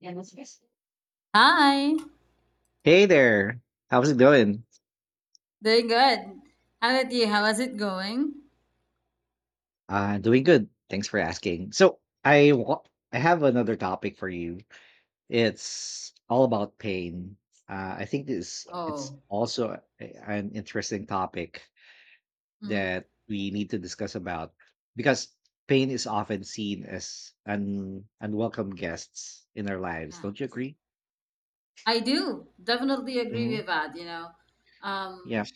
Yeah, that's best. Hi, Hey there. How's it going? doing good. How about you? How is it going? Doing good. Thanks for asking. So, I wa- I have another topic for you. It's all about pain. I think this it's Oh, also an interesting topic hmm, that we need to discuss about, because pain is often seen as un unwelcome guests in our lives. yeah, Don't you agree? I do definitely Hmm. agree with that. Yeah. um,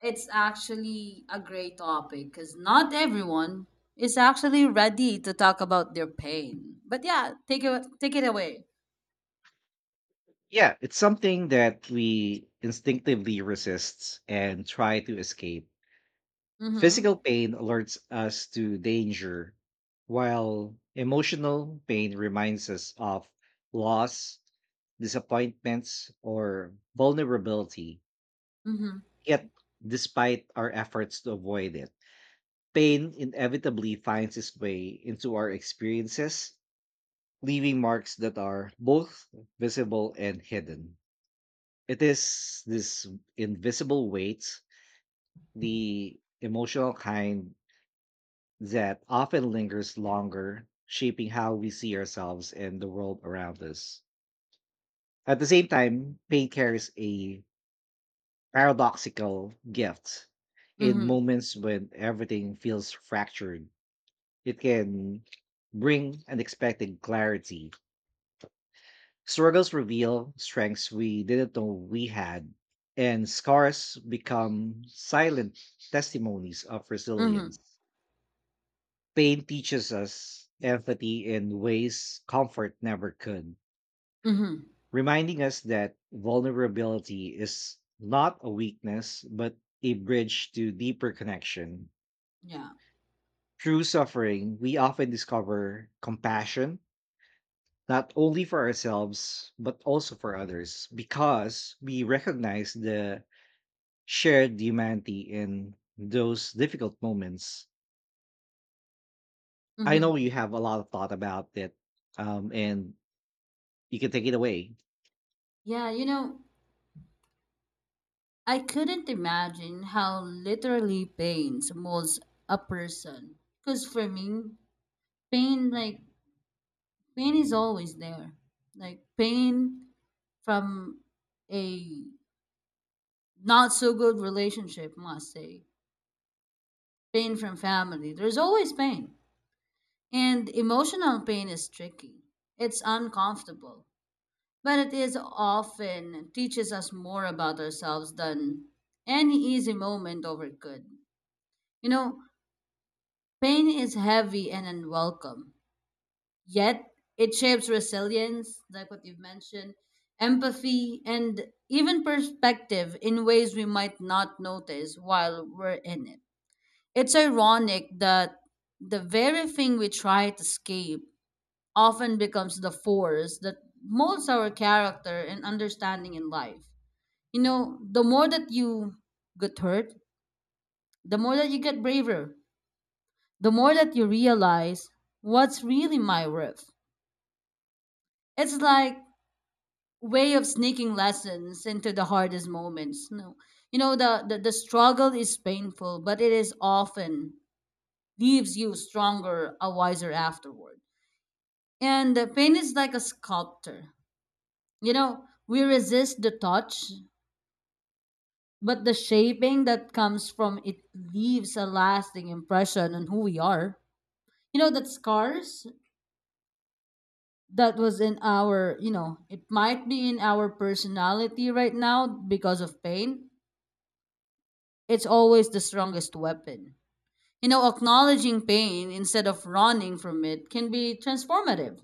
it's actually a great topic because not everyone is actually ready to talk about their pain. But yeah, take it away. Yeah, it's something that we instinctively resist and try to escape. Physical Mm-hmm. pain alerts us to danger, while emotional pain reminds us of loss, disappointments, or vulnerability. Mm-hmm. Yet, despite our efforts to avoid it, pain inevitably finds its way into our experiences, leaving marks that are both visible and hidden. It is this invisible weight, the emotional kind, that often lingers longer, shaping how we see ourselves and the world around us. At the same time, pain carries a paradoxical gift. In Mm-hmm. moments when everything feels fractured, it can bring unexpected clarity. Struggles reveal strengths we didn't know we had, and scars become silent testimonies of Mm-hmm. resilience. Pain teaches us empathy in ways comfort never could, Mm-hmm. reminding us that vulnerability is not a weakness, but a bridge to deeper connection. Yeah. Through suffering, we often discover compassion, not only for ourselves, but also for others, because we recognize the shared humanity in those difficult moments. I Mm-hmm. know you have a lot of thought about it, and you can take it away. Yeah. You know, I couldn't imagine how literally pains molds a person. Because for me, pain like pain is always there. Like pain from a not so good relationship, must say. Pain from family. There's always pain. And emotional pain is tricky. It's uncomfortable. But it is often teaches us more about ourselves than any easy moment over good. You know, pain is heavy and unwelcome, yet it shapes resilience, like what you've mentioned, empathy, and even perspective in ways we might not notice while we're in it. It's ironic that the very thing we try to escape often becomes the force that molds our character and understanding in life. You know, the more that you get hurt, the more that you get braver, the more that you realize what's really my worth. It's like way of sneaking lessons into the hardest moments. No. You know, the struggle is painful, but it is often leaves you stronger a wiser afterward. And the pain is like a sculptor. You know, we resist the touch, but the shaping that comes from it leaves a lasting impression on who we are. You know, that scars that was in our, you know, it might be in our personality right now because of pain. It's always the strongest weapon. You know, acknowledging pain instead of running from it can be transformative.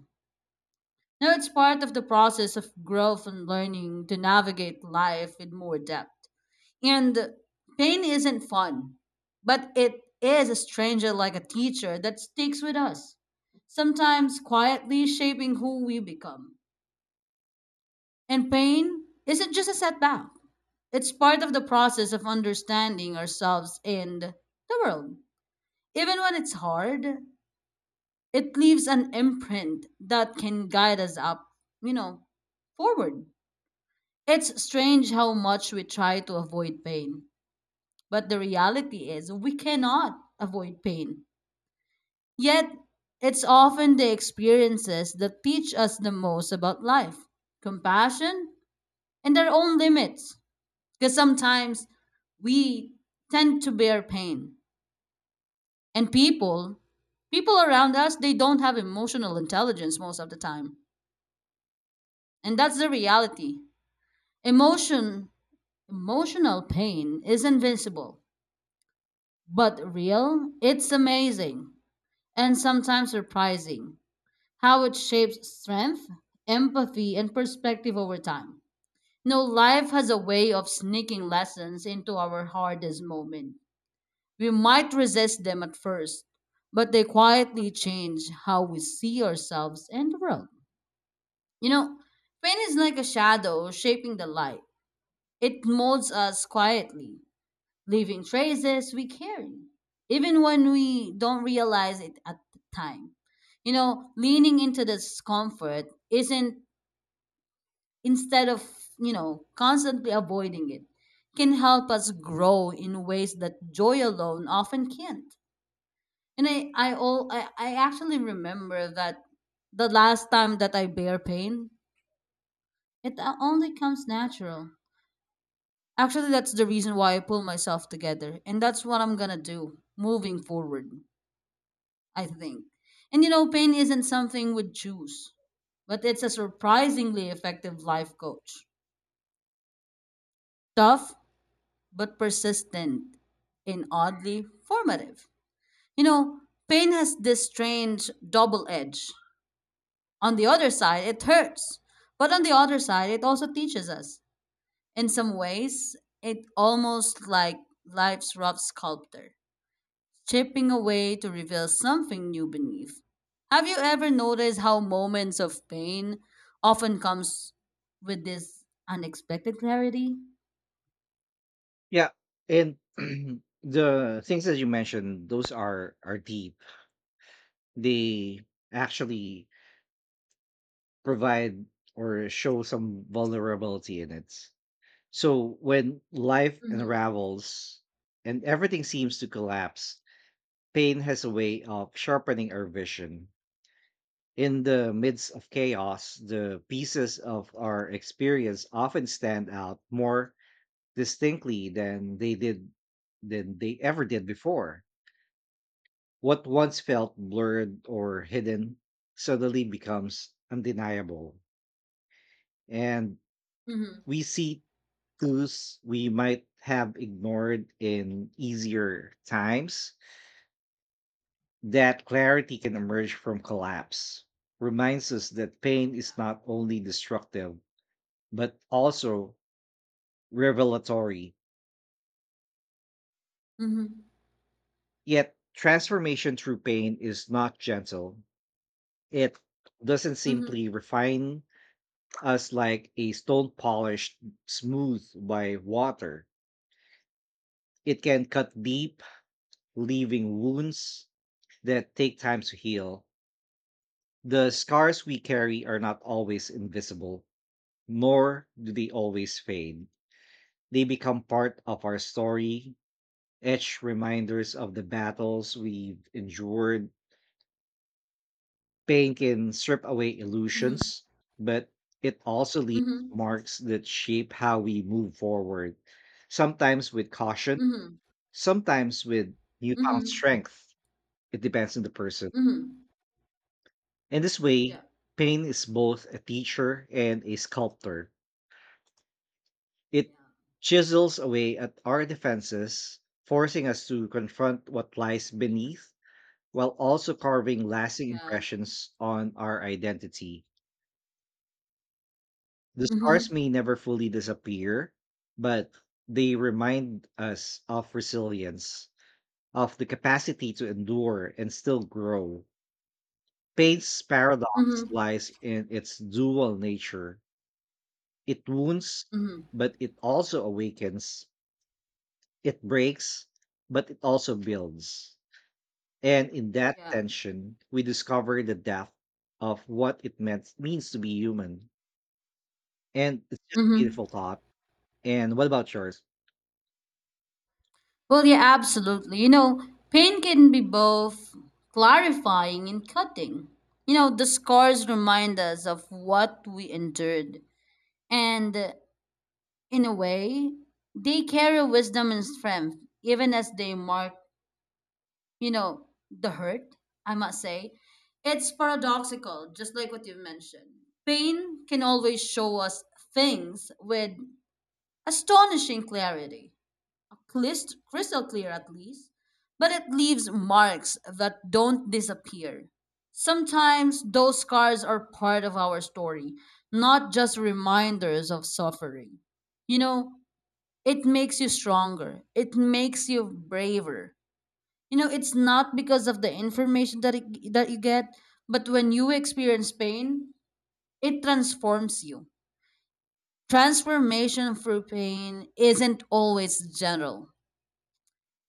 Now, it's part of the process of growth and learning to navigate life with more depth. And pain isn't fun, but it is a stranger like a teacher that sticks with us, sometimes quietly shaping who we become. And pain isn't just a setback, it's part of the process of understanding ourselves and the world. Even when it's hard, it leaves an imprint that can guide us up, you know, forward. It's strange how much we try to avoid pain, but the reality is we cannot avoid pain. Yet, it's often the experiences that teach us the most about life, compassion, and our own limits. Because sometimes we tend to bear pain. And people around us, they don't have emotional intelligence most of the time. And that's the reality. Emotion, emotional pain is invincible, but real, it's amazing and sometimes surprising how it shapes strength, empathy, and perspective over time. No, life has a way of sneaking lessons into our hardest moment. We might resist them at first, but they quietly change how we see ourselves and the world. You know, pain is like a shadow shaping the light. It molds us quietly, leaving traces we carry, even when we don't realize it at the time. You know, leaning into discomfort isn't, instead of, you know, constantly avoiding it, can help us grow in ways that joy alone often can't. And I actually remember that the last time that I bear pain, it only comes natural. Actually, that's the reason why I pull myself together, and that's what I'm gonna do moving forward. I think, and you know, pain isn't something we choose, but it's a surprisingly effective life coach. Tough but persistent, and oddly formative. You know, pain has this strange double edge. On the other side, it hurts. But on the other side, it also teaches us. In some ways, it almost like life's rough sculptor, chipping away to reveal something new beneath. Have you ever noticed how moments of pain often comes with this unexpected clarity? Yeah, and the things that you mentioned, those are deep. They actually provide or show some vulnerability in it. So when life unravels and everything seems to collapse, pain has a way of sharpening our vision. In the midst of chaos, the pieces of our experience often stand out more distinctly than they did than they ever did before. What once felt blurred or hidden suddenly becomes undeniable. And Mm-hmm. we see clues we might have ignored in easier times, that clarity can emerge from collapse reminds us that pain Yeah. is not only destructive, but also revelatory. Mm-hmm. Yet, transformation through pain is not gentle. It doesn't simply Mm-hmm. refine us like a stone polished smooth by water. It can cut deep, leaving wounds that take time to heal. The scars we carry are not always invisible, nor do they always fade. They become part of our story, etch reminders of the battles we've endured. Pain can strip away Mm-hmm. illusions, but it also leaves Mm-hmm. marks that shape how we move forward, sometimes with caution, Mm-hmm. sometimes with newfound Mm-hmm. strength. It depends on the person. Mm-hmm. In this way, Yeah. pain is both a teacher and a sculptor. It Yeah. chisels away at our defenses, forcing us to confront what lies beneath while also carving lasting Yeah. impressions on our identity. The scars Mm-hmm. may never fully disappear, but they remind us of resilience, of the capacity to endure and still grow. Pain's paradox Mm-hmm. lies in its dual nature. It wounds, Mm-hmm. but it also awakens, it breaks, but it also builds. And in that Yeah. tension, we discover the depth of what it means to be human. And it's just a Mm-hmm. beautiful thought. And what about yours? Well, yeah, absolutely. You know, pain can be both clarifying and cutting. You know, the scars remind us of what we endured. And In a way, they carry wisdom and strength, even as they mark, you know, the hurt, I must say. It's paradoxical, just like what you mentioned. Pain can always show us things with astonishing clarity, crystal clear at least, but it leaves marks that don't disappear. Sometimes those scars are part of our story, not just reminders of suffering. You know, it makes you stronger, it makes you braver. You know, it's not because of the information that, it, that you get, but when you experience pain, it transforms you. Transformation through pain isn't always general.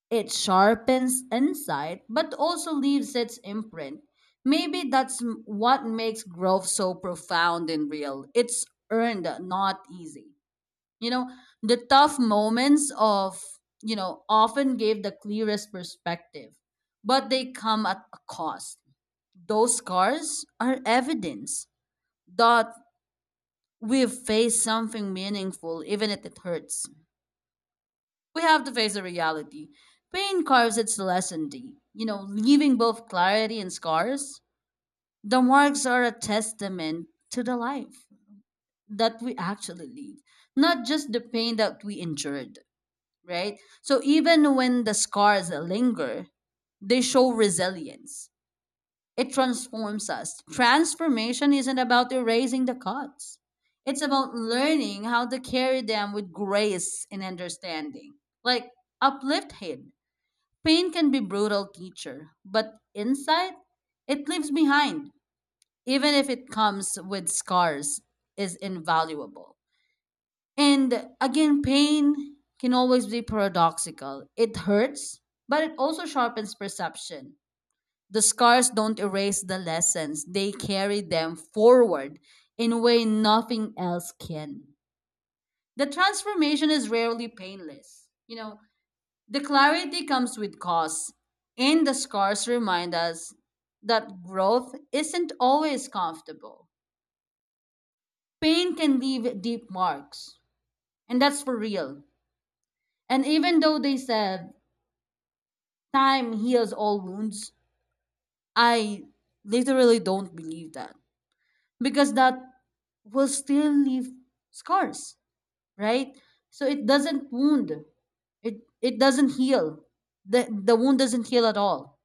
It sharpens insight, but also leaves its imprint. Maybe that's what makes growth so profound and real. It's earned, not easy. You know, the tough moments of, you know, often gave the clearest perspective, but they come at a cost. Those scars are evidence that we've faced something meaningful, even if it hurts we have to face the reality. Pain carves its lesson deep, you know, leaving both clarity and scars. The marks are a testament to the life that we actually lead, not just the pain that we endured, right? So even when the scars linger, they show resilience. It transforms us. Transformation isn't about erasing the cuts. It's about learning how to carry them with grace and understanding. Like uplift hate. Pain can be brutal teacher, but insight it leaves behind, even if it comes with scars, is invaluable. And again, pain can always be paradoxical. It hurts, but it also sharpens perception. The scars don't erase the lessons, they carry them forward in a way nothing else can. The transformation is rarely painless. You know, the clarity comes with costs, and the scars remind us that growth isn't always comfortable. Pain can leave deep marks, and that's for real. And even though they said time heals all wounds, I literally don't believe that because that will still leave scars, right? So it doesn't wound. It doesn't heal. The wound doesn't heal at all.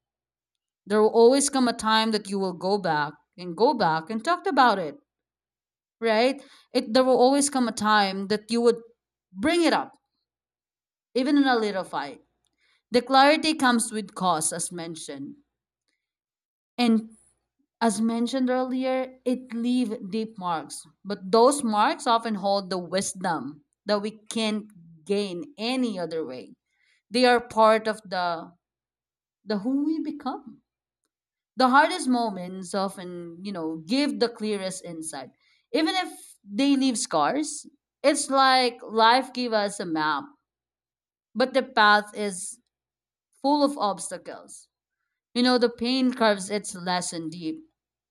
There will always come a time that you will go back and talk about it, right? It there will always come a time that you would bring it up, even in a little fight. The clarity comes with cause, as mentioned. And as mentioned earlier, it leave deep marks. But those marks often hold the wisdom that we can't gain any other way. They are part of the who we become. The hardest moments often, you know, give the clearest insight. Even if they leave scars, it's like life gave us a map, but the path is full of obstacles. You know, the pain carves its lesson deep,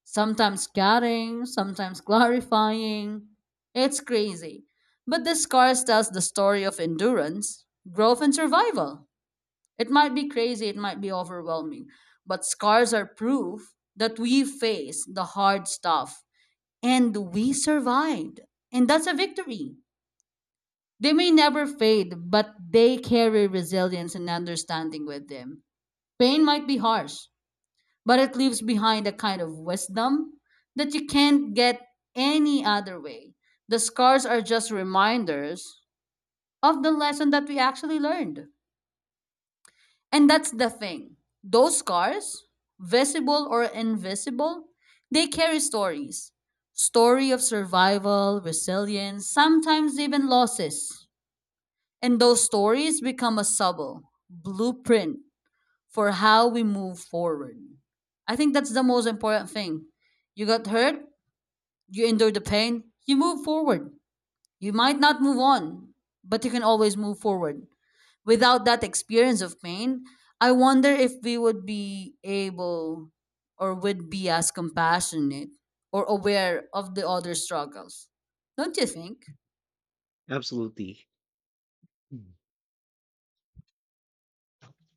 sometimes scattering, sometimes clarifying. It's crazy. But the scars tells the story of endurance, growth, and survival. It might be crazy, it might be overwhelming, but scars are proof that we faced the hard stuff and we survived. And that's a victory. They may never fade, but they carry resilience and understanding with them. Pain might be harsh, but it leaves behind a kind of wisdom that you can't get any other way. The scars are just reminders of the lesson that we actually learned. And that's the thing. Those scars, visible or invisible, they carry stories. Story of survival, resilience, sometimes even losses. And those stories become a subtle blueprint for how we move forward. I think that's the most important thing. You got hurt, you endure the pain, you move forward. You might not move on, but you can always move forward. Without that experience of pain, I wonder if we would be able or would be as compassionate or aware of the other's struggles. Don't you think? Absolutely. Mm.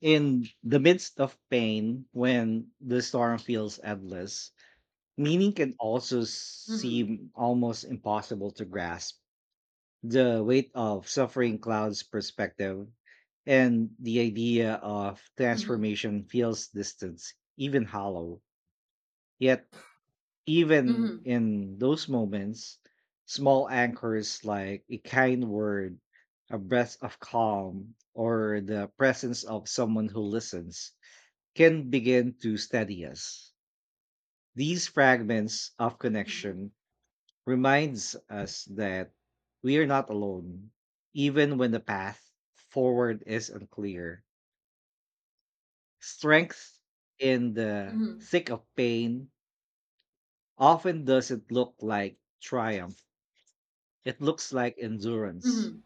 In the midst of pain, when the storm feels endless, meaning can also Mm-hmm. seem almost impossible to grasp. The weight of Yeah. suffering clouds perspective, and the idea of Mm-hmm. transformation feels distant, even hollow. Yet even Mm-hmm. in those moments, small anchors like a kind word, a breath of calm, or the presence of someone who listens can begin to steady us. These fragments of Mm-hmm. connection reminds us that we are not alone, even when the path forward is unclear. Strength in the Mm-hmm. thick of pain often doesn't look like triumph. It looks like endurance. Mm-hmm.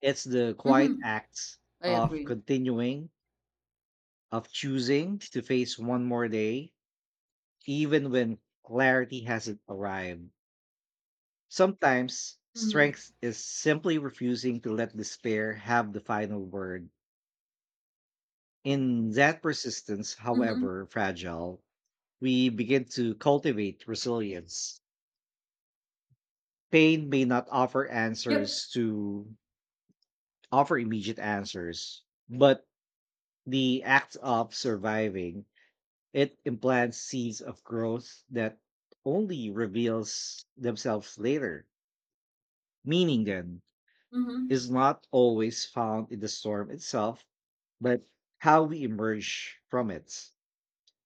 It's the quiet Mm-hmm. acts I of agree. continuing, of choosing to face one more day, even when clarity hasn't arrived. Sometimes Mm-hmm. strength is simply refusing to let despair have the final word. In that persistence, Mm-hmm. however fragile, we begin to cultivate resilience. Pain may not offer Yep. answers to offer immediate answers, but the act of surviving, it implants seeds of growth that only reveals themselves later. Meaning then Mm-hmm. is not always found in the storm itself, but how we emerge from it.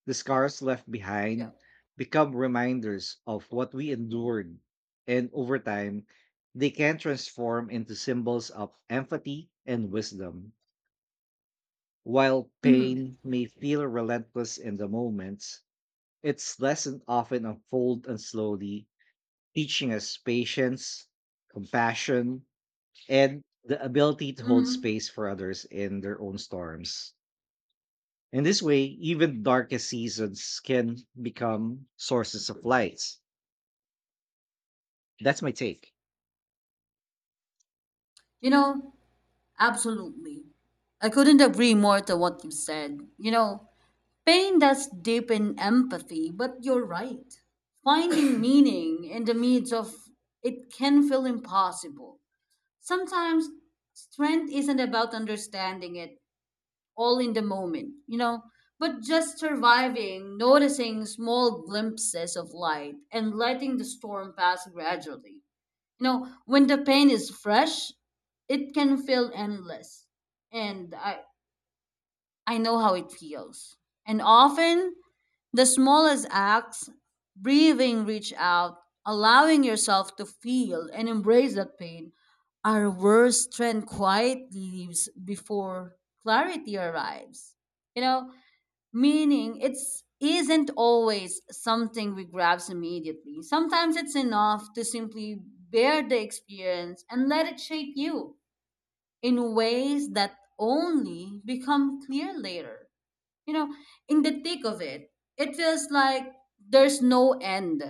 The scars left Yeah. behind become reminders of what we endured, and over time, they can transform into symbols of empathy and wisdom. While Mm-hmm. pain may feel relentless in the moment, its lessons often unfold and slowly, teaching us patience, compassion, and the ability to hold Mm-hmm. space for others in their own storms. In this way, even darkest seasons can become sources of light. That's my take. You know, absolutely. I couldn't agree more to what you said. You know, pain does deepen empathy, but you're right. Finding meaning in the midst of it can feel impossible. Sometimes strength isn't about understanding it all in the moment, you know, but just surviving, noticing small glimpses of light, and letting the storm pass gradually. You know, when the pain is fresh, it can feel endless. And I, I know how it feels. And often, the smallest acts, breathing, reach out, allowing yourself to feel and embrace that pain, are where strength quietly leaves before clarity arrives. You know, meaning it's isn't always something we grasp immediately. Sometimes it's enough to simply bear the experience and let it shape you in ways that only become clear later, you know, in the thick of it, it feels like there's no end.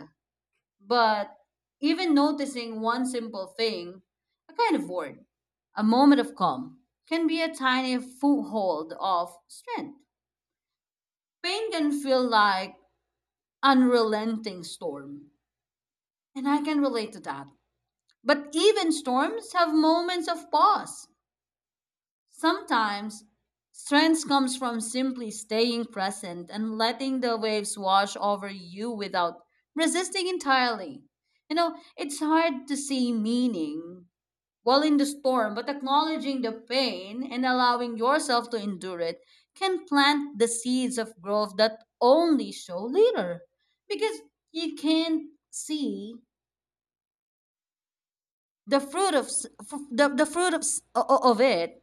But even noticing one simple thing, a kind of word, a moment of calm, can be a tiny foothold of strength. Pain can feel like unrelenting storm, and I can relate to that. But even storms have moments of pause. Sometimes, strength comes from simply staying present and letting the waves wash over you without resisting entirely. You know, it's hard to see meaning while in the storm, but acknowledging the pain and allowing yourself to endure it can plant the seeds of growth that only show later. Because you can't see the fruit of, s- o- o- of it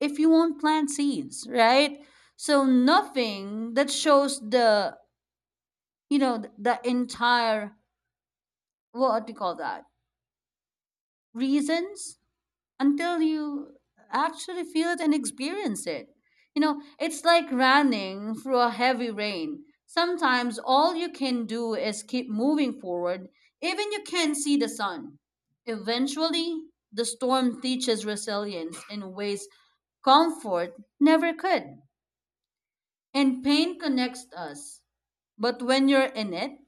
if you won't plant seeds, right? So nothing that shows the entire, what do you call that, reasons until you actually feel it and experience it. You know, it's like running through a heavy rain. Sometimes all you can do is keep moving forward, even you can't see the sun. Eventually, the storm teaches resilience in ways comfort never could. And pain connects us. But when you're in it,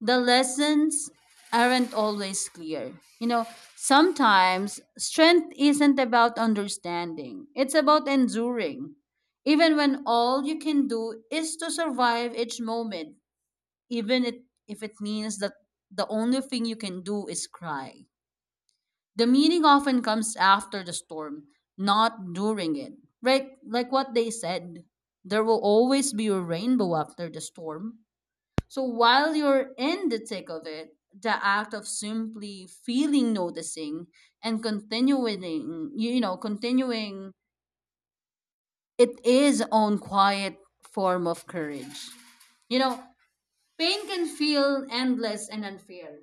the lessons aren't always clear. You know, sometimes strength isn't about understanding, it's about enduring. Even when all you can do is to survive each moment, even if it means that the only thing you can do is cry. The meaning often comes after the storm, not during it. Right? Like what they said, there will always be a rainbow after the storm. So while you're in the thick of it, the act of simply feeling, noticing, and continuing, continuing, it is own quiet form of courage. You know, pain can feel endless and unfair.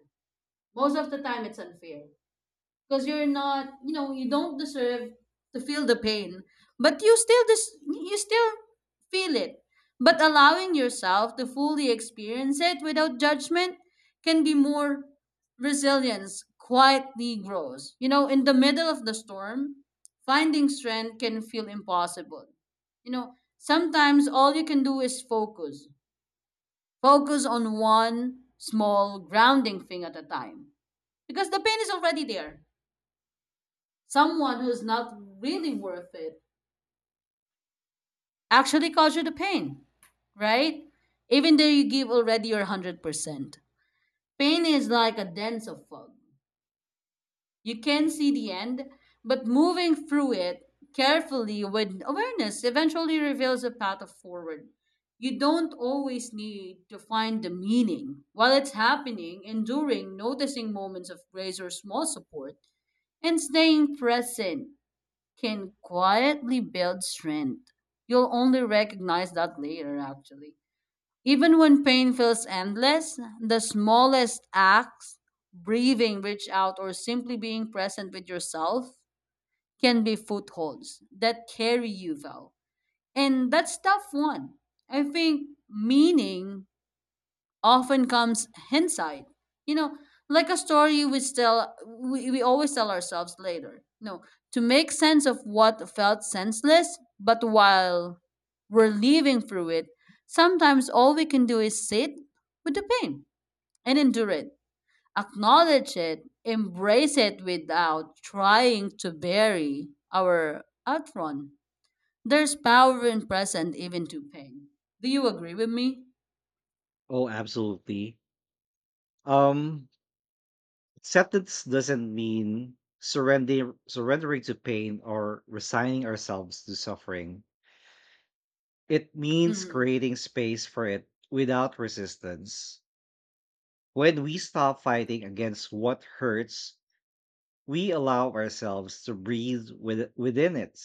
Most of the time, it's unfair, because you're not, you don't deserve to feel the pain. But you still feel it. But allowing yourself to fully experience it without judgment can be more. Resilience quietly grows, you know. In the middle of the storm, finding strength can feel impossible. You know, sometimes all you can do is focus, focus on one small grounding thing at a time, because the pain is already there. Someone who's not really worth it actually cause you the pain, right? Even though you give already your 100%. Pain is like a dense of fog. You can see the end, but moving through it carefully with awareness eventually reveals a path of forward. You don't always need to find the meaning. While it's happening, enduring, noticing moments of grace or small support, and staying present can quietly build strength. You'll only recognize that later, actually. Even when pain feels endless, the smallest acts, breathing, reach out, or simply being present with yourself, can be footholds that carry you well. And that's tough one. I think meaning often comes hindsight. You know, like a story we always tell ourselves later. No, to make sense of what felt senseless, but while we're living through it, sometimes all we can do is sit with the pain and endure it. Acknowledge it, embrace it without trying to bury our outrun. There's power in present even to pain. Do you agree with me? Oh, absolutely. Um, Acceptance doesn't mean surrendering to pain or resigning ourselves to suffering. It means Mm-hmm. creating space for it without resistance. When we stop Correct. fighting against what hurts, we allow ourselves to breathe within it,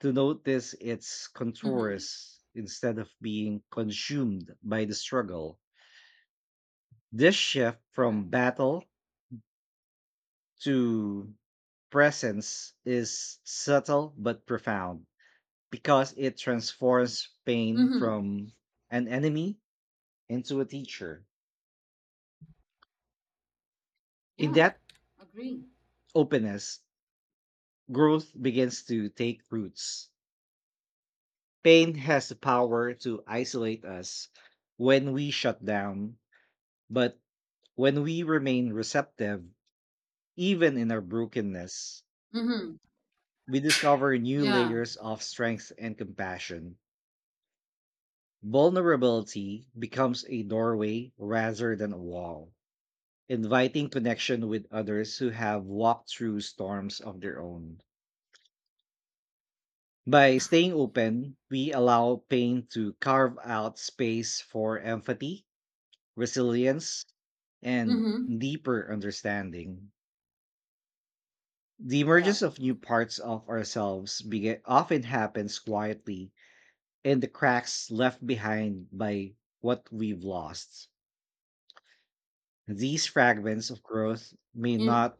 to notice its Mm. contours instead of being consumed by the struggle. This shift from Correct. battle to presence is subtle but profound, because it transforms pain Mm-hmm. from an enemy into a teacher. In Yeah, that agree. openness, growth begins to take roots. Pain has the power to isolate us when we shut down, but when we remain receptive, even in our brokenness, Mm-hmm. we discover new Yeah. layers of strength and compassion. Vulnerability becomes a doorway rather than a wall, inviting connection with others who have walked through storms of their own. By staying open, we allow pain to carve out space for empathy, resilience, and Mm-hmm. deeper understanding. The Yeah. emergence of new parts of ourselves often happens quietly in the cracks left behind by what we've lost. These fragments of growth may Yeah. not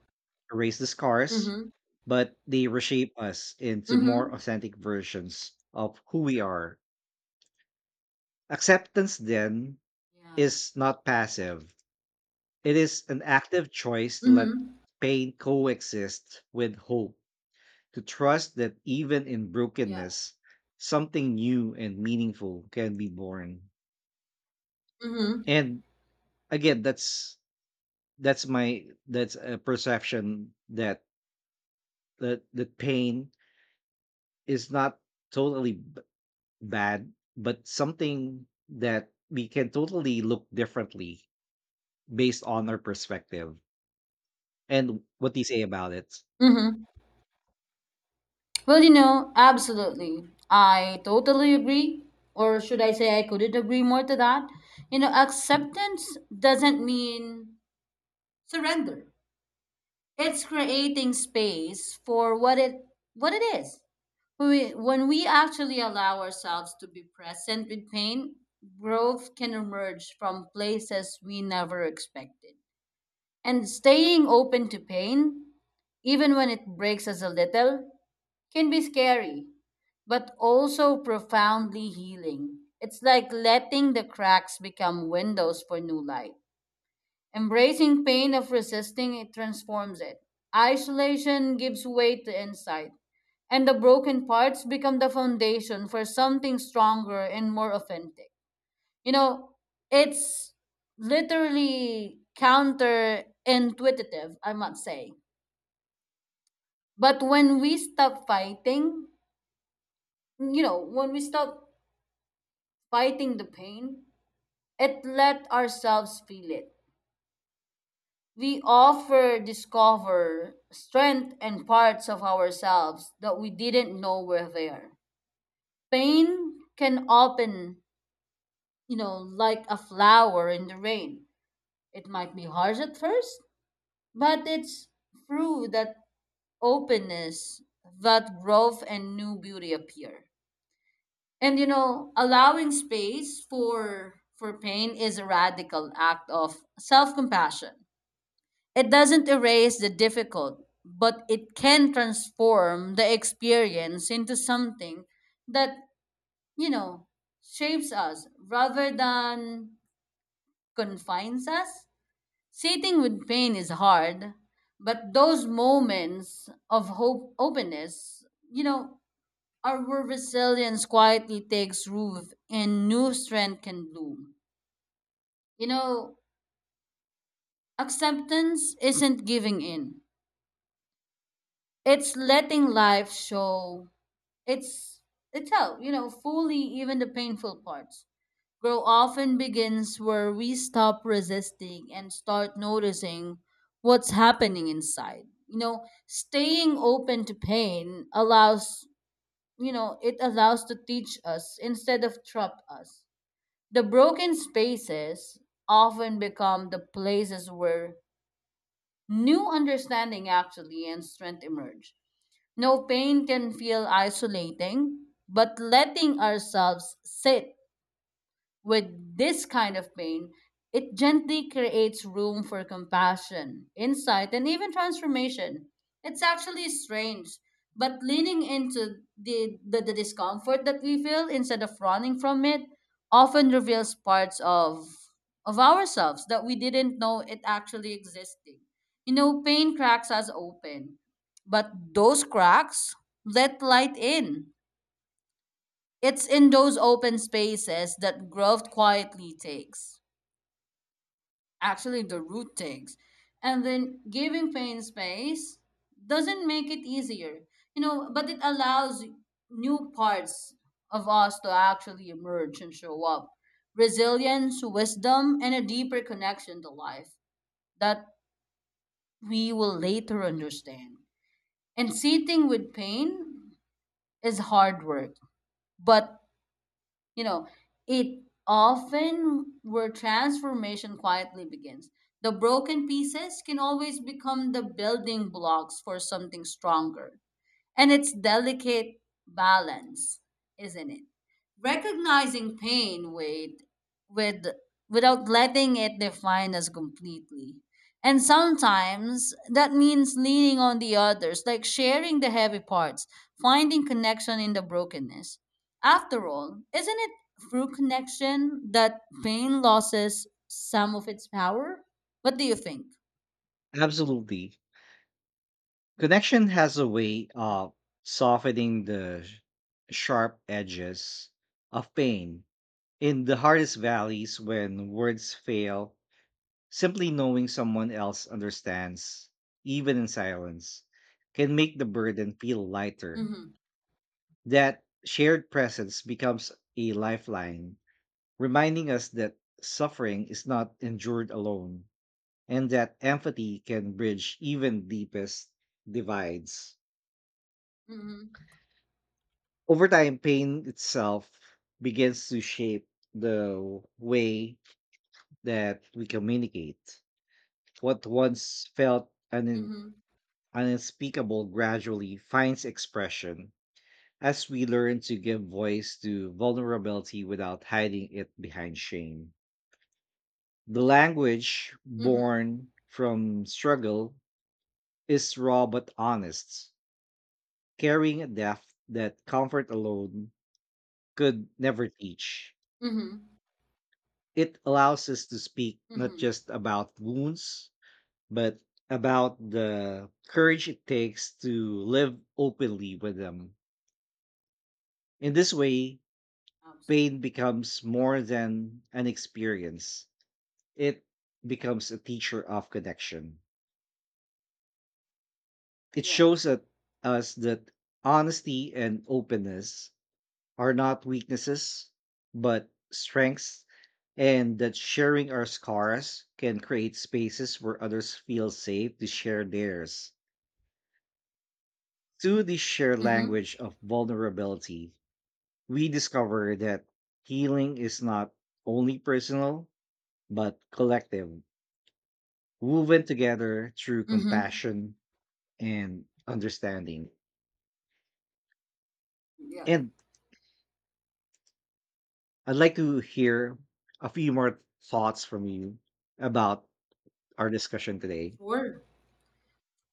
erase the scars, Mm-hmm. but they reshape us into more Mm-hmm. authentic versions of who we are. Acceptance, then, Yeah. is not passive. It is an active choice to let Mm-hmm. pain coexist with hope, to trust that even in Yeah. brokenness, something new and meaningful can be born. Mm-hmm. And again, that's a perception that pain is not totally bad, but something that we can totally look differently based on our perspective and what they say about it. Mm-hmm. Well, you know, absolutely. I totally agree. Or should I say I couldn't agree more to that? You know, acceptance doesn't mean surrender. It's creating space for what it is. When we actually allow ourselves to be present with pain, growth can emerge from places we never expected. And staying open to pain, even when it breaks us a little, can be scary, but also profoundly healing. It's like letting the cracks become windows for new light. Embracing pain of resisting it transforms it. Isolation gives way to insight, and the broken parts become the foundation for something stronger and more authentic. You know, it's literally counterintuitive, I must say. But when we stop fighting, you know, when we stop fighting the pain, it let ourselves feel it. We offer discover strength and parts of ourselves that we didn't know were there. Pain can open, you know, like a flower in the rain. It might be harsh at first, but it's through that openness that growth and new beauty appear. And you know, allowing space for pain is a radical act of self-compassion. It doesn't erase the difficult, but it can transform the experience into something that, you know, shapes us rather than confines us. Sitting with pain is hard, but those moments of hope openness, you know, are where resilience quietly takes root and new strength can bloom. You know, acceptance isn't giving in. It's letting life show. It's it's how, you know, fully even the painful parts. Grow often begins where we stop resisting and start noticing what's happening inside. You know, staying open to pain allows, you know, it allows to teach us instead of trap us. The broken spaces often become the places where new understanding actually and strength emerge. No pain can feel isolating, but letting ourselves sit with this kind of pain, it gently creates room for compassion, insight, and even transformation. It's actually strange, but leaning into the discomfort that we feel instead of running from it often reveals parts of ourselves that we didn't know it actually existing. You know, pain cracks us open, but those cracks let light in. It's in those open spaces that growth quietly takes. Actually, the root takes. And then giving pain space doesn't make it easier, you know, but it allows new parts of us to actually emerge and show up. Resilience, wisdom, and a deeper connection to life that we will later understand. And sitting with pain is hard work, but, you know, it often where transformation quietly begins. The broken pieces can always become the building blocks for something stronger. And it's delicate balance, isn't it? Recognizing pain with without letting it define us completely. And sometimes that means leaning on the others, like sharing the heavy parts, finding connection in the brokenness. After all, isn't it through connection that pain loses some of its power? What do you think? Absolutely. Connection has a way of softening the sharp edges of pain. In the hardest Mm-hmm. valleys, when words fail, simply knowing someone else understands, even in silence, can make the burden feel lighter. Mm-hmm. That shared presence becomes a lifeline, reminding us that suffering is not endured alone and that empathy can bridge even deepest divides. Mm-hmm. Over time, pain itself begins to shape the way that we communicate. What once felt Mm-hmm. unspeakable gradually finds expression as we learn to give voice to vulnerability without hiding it behind shame. The language born from struggle is raw but honest, carrying a depth that comfort alone could never teach. Mm-hmm. It allows us to speak not Mm-hmm. just about wounds, but about the courage it takes to live openly with them. In this way, pain Absolutely. becomes more than an experience, it becomes a teacher of connection. It Yeah. shows us that honesty and openness are not weaknesses, but strengths, and that sharing our scars can create spaces where others feel safe to share theirs. Through the shared Mm-hmm. language of vulnerability, we discover that healing is not only personal, but collective, woven together through Mm-hmm. compassion and understanding. Yeah. And I'd like to hear a few more thoughts from you about our discussion today. Sure, of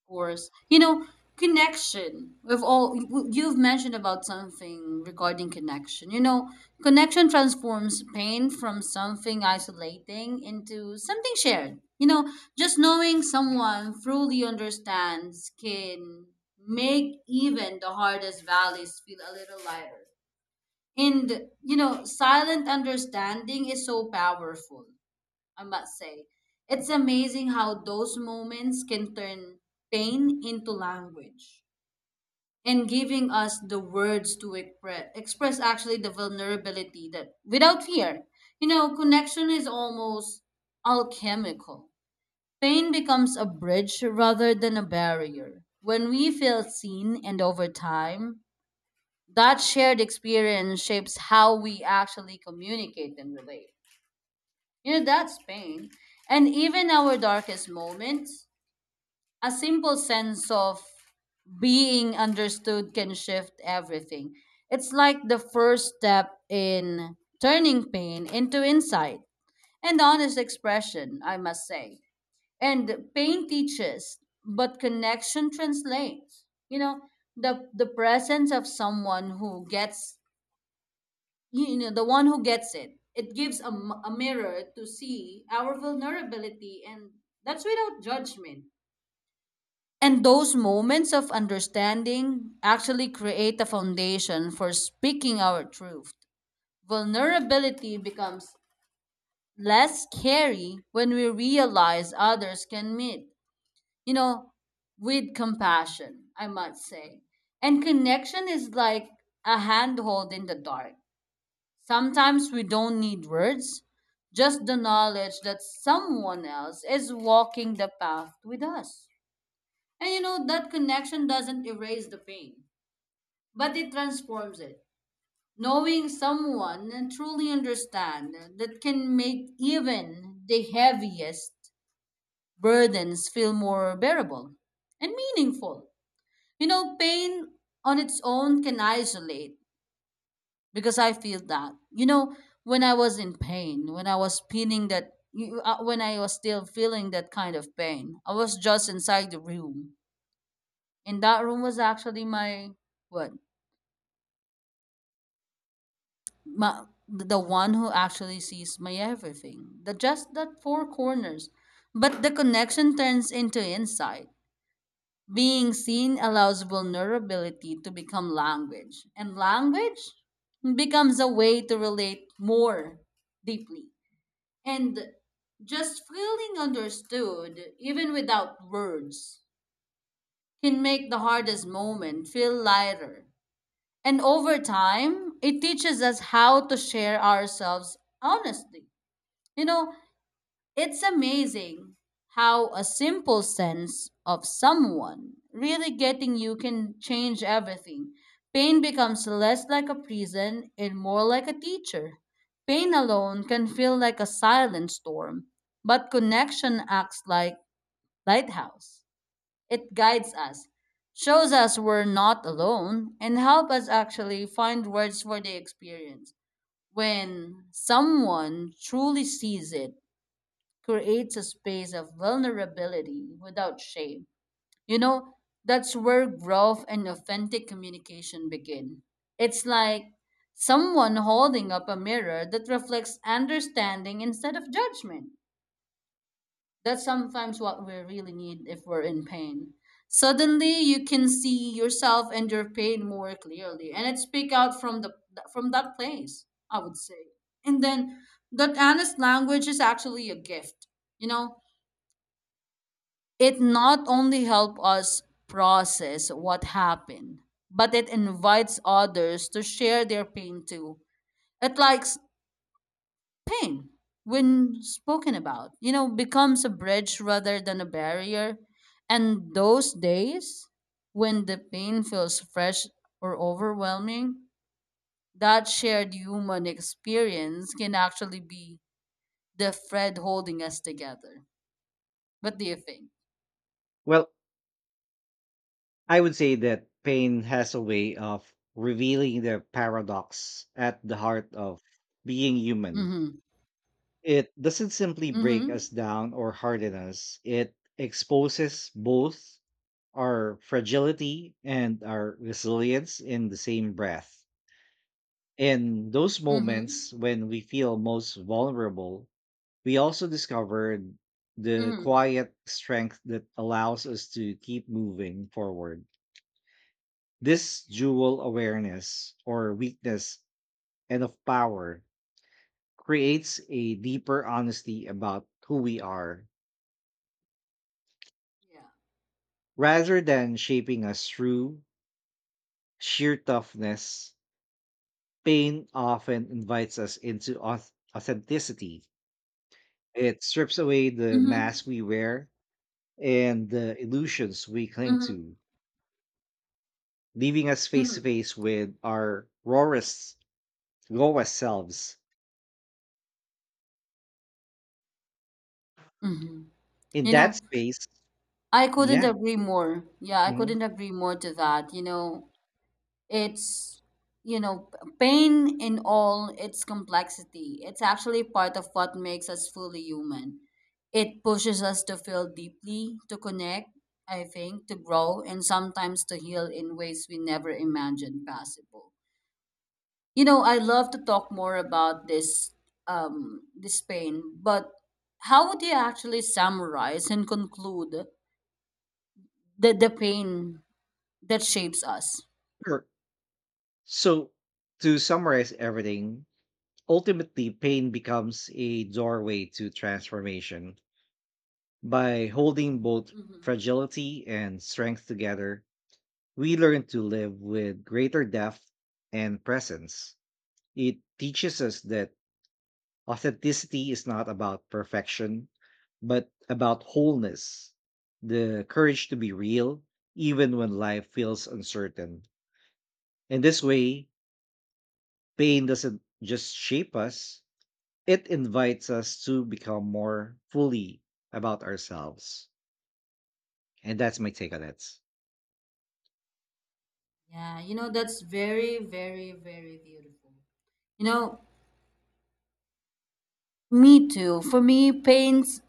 course. You know, connection. You've mentioned about something regarding connection. You know, connection transforms pain from something isolating into something shared. You know, just knowing someone truly understands can make even the hardest valleys feel a little lighter. And you know, silent understanding is so powerful. I must say. It's amazing how those moments can turn pain into language and giving us the words to express actually the vulnerability that without fear. You know, connection is almost alchemical. Pain becomes a bridge rather than a barrier. When we feel seen and over time, that shared experience shapes how we actually communicate and relate. You know, that's pain. And even our darkest moments, a simple sense of being understood can shift everything. It's like the first step in turning pain into insight and honest expression, I must say. And pain teaches, but connection translates. You know, the presence of someone who gets, the one who gets it gives a mirror to see our vulnerability, and that's without judgment. And those moments of understanding actually create a foundation for speaking our truth. Vulnerability becomes less scary when we realize others can meet, you know, with compassion. I must say. And connection is like a handhold in the dark. Sometimes we don't need words, just the knowledge that someone else is walking the path with us. And you know, that connection doesn't erase the pain, but it transforms it. Knowing someone and truly understand that can make even the heaviest burdens feel more bearable and meaningful. You know, pain on its own can isolate, because I feel that, you know, when I was in pain, when I was feeling that, when I was still feeling that kind of pain, I was just inside the room, and that room was actually my what my the one who actually sees my everything, the just that four corners, but the connection turns into insight. Being seen allows vulnerability to become language, and language becomes a way to relate more deeply. And just feeling understood, even without words, can make the hardest moment feel lighter. And over time, it teaches us how to share ourselves honestly. You know, it's amazing how a simple sense of someone really getting you can change everything. Pain becomes less like a prison and more like a teacher. Pain alone can feel like a silent storm, but connection acts like lighthouse. It guides us, shows us we're not alone, and help us actually find words for the experience. When someone truly sees it, creates a space of vulnerability without shame. You know, that's where growth and authentic communication begin. It's like someone holding up a mirror that reflects understanding instead of judgment. That's sometimes what we really need if we're in pain. Suddenly, you can see yourself and your pain more clearly, and it speak out from the from that place. I would say, and then that honest language is actually a gift. You know, it not only helps us process what happened, but it invites others to share their pain too. It likes pain when spoken about, you know, becomes a bridge rather than a barrier. And those days when the pain feels fresh or overwhelming, that shared human experience can actually be the thread holding us together. What do you think? Well, I would say that pain has a way of revealing the paradox at the heart of being human. Mm-hmm. It doesn't simply break us Mm-hmm. down or harden us, it exposes both our fragility and our resilience in the same breath. In those moments Mm-hmm. when we feel most vulnerable, we also discover the Mm-hmm. quiet strength that allows us to keep moving forward. This Yeah. dual awareness or weakness and of power creates a deeper honesty about who we are Yeah. rather than shaping us through sheer toughness. Pain often invites us into authenticity. It strips away the Mhm. mask we wear and the illusions we cling Mhm. to, leaving us face to Mhm. face with our rawest, lowest selves. Mhm. In You that know, space, I couldn't yeah, agree more. Yeah, I mhm, couldn't agree more to that. You know, it's pain in all its complexity. It's actually part of what makes us fully human. It pushes us to feel deeply, to connect, I think, to grow, and sometimes to heal in ways we never imagined possible. You know, I love to talk more about this this pain, but how would you actually summarize and conclude the, pain that shapes us? sure. So, to summarize everything, ultimately, pain becomes a doorway to transformation. By holding both fragility and strength together, we learn to live with greater depth and presence. It teaches us that authenticity is not about perfection, but about wholeness, the courage to be real, even when life feels uncertain. In this way, pain doesn't just shape us, it invites us to become more fully about ourselves. And that's my take on it. Yeah, you know, that's very, very, very beautiful. You know, me too. For me, pains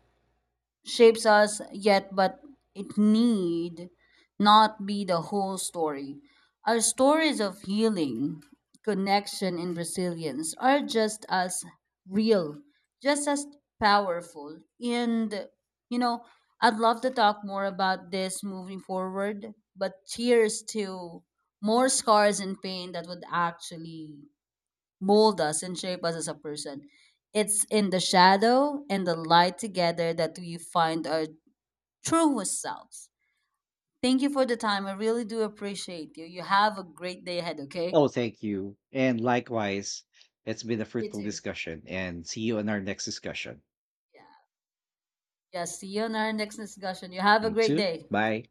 shapes us, yet but it need not be the whole story. Our stories of healing, connection, and resilience are just as real, just as powerful. And, you know, I'd love to talk more about this moving forward, but cheers to more scars and pain that would actually mold us and shape us as a person. It's in the shadow and the light together that we find our truest selves. Thank you for the time. I really do appreciate you. You have a great day ahead, okay? Oh, thank you. And likewise, it's been a You fruitful too. discussion. And see you in our next discussion. Yeah. Yeah. See you on our next discussion. You have a You great too. day. Bye.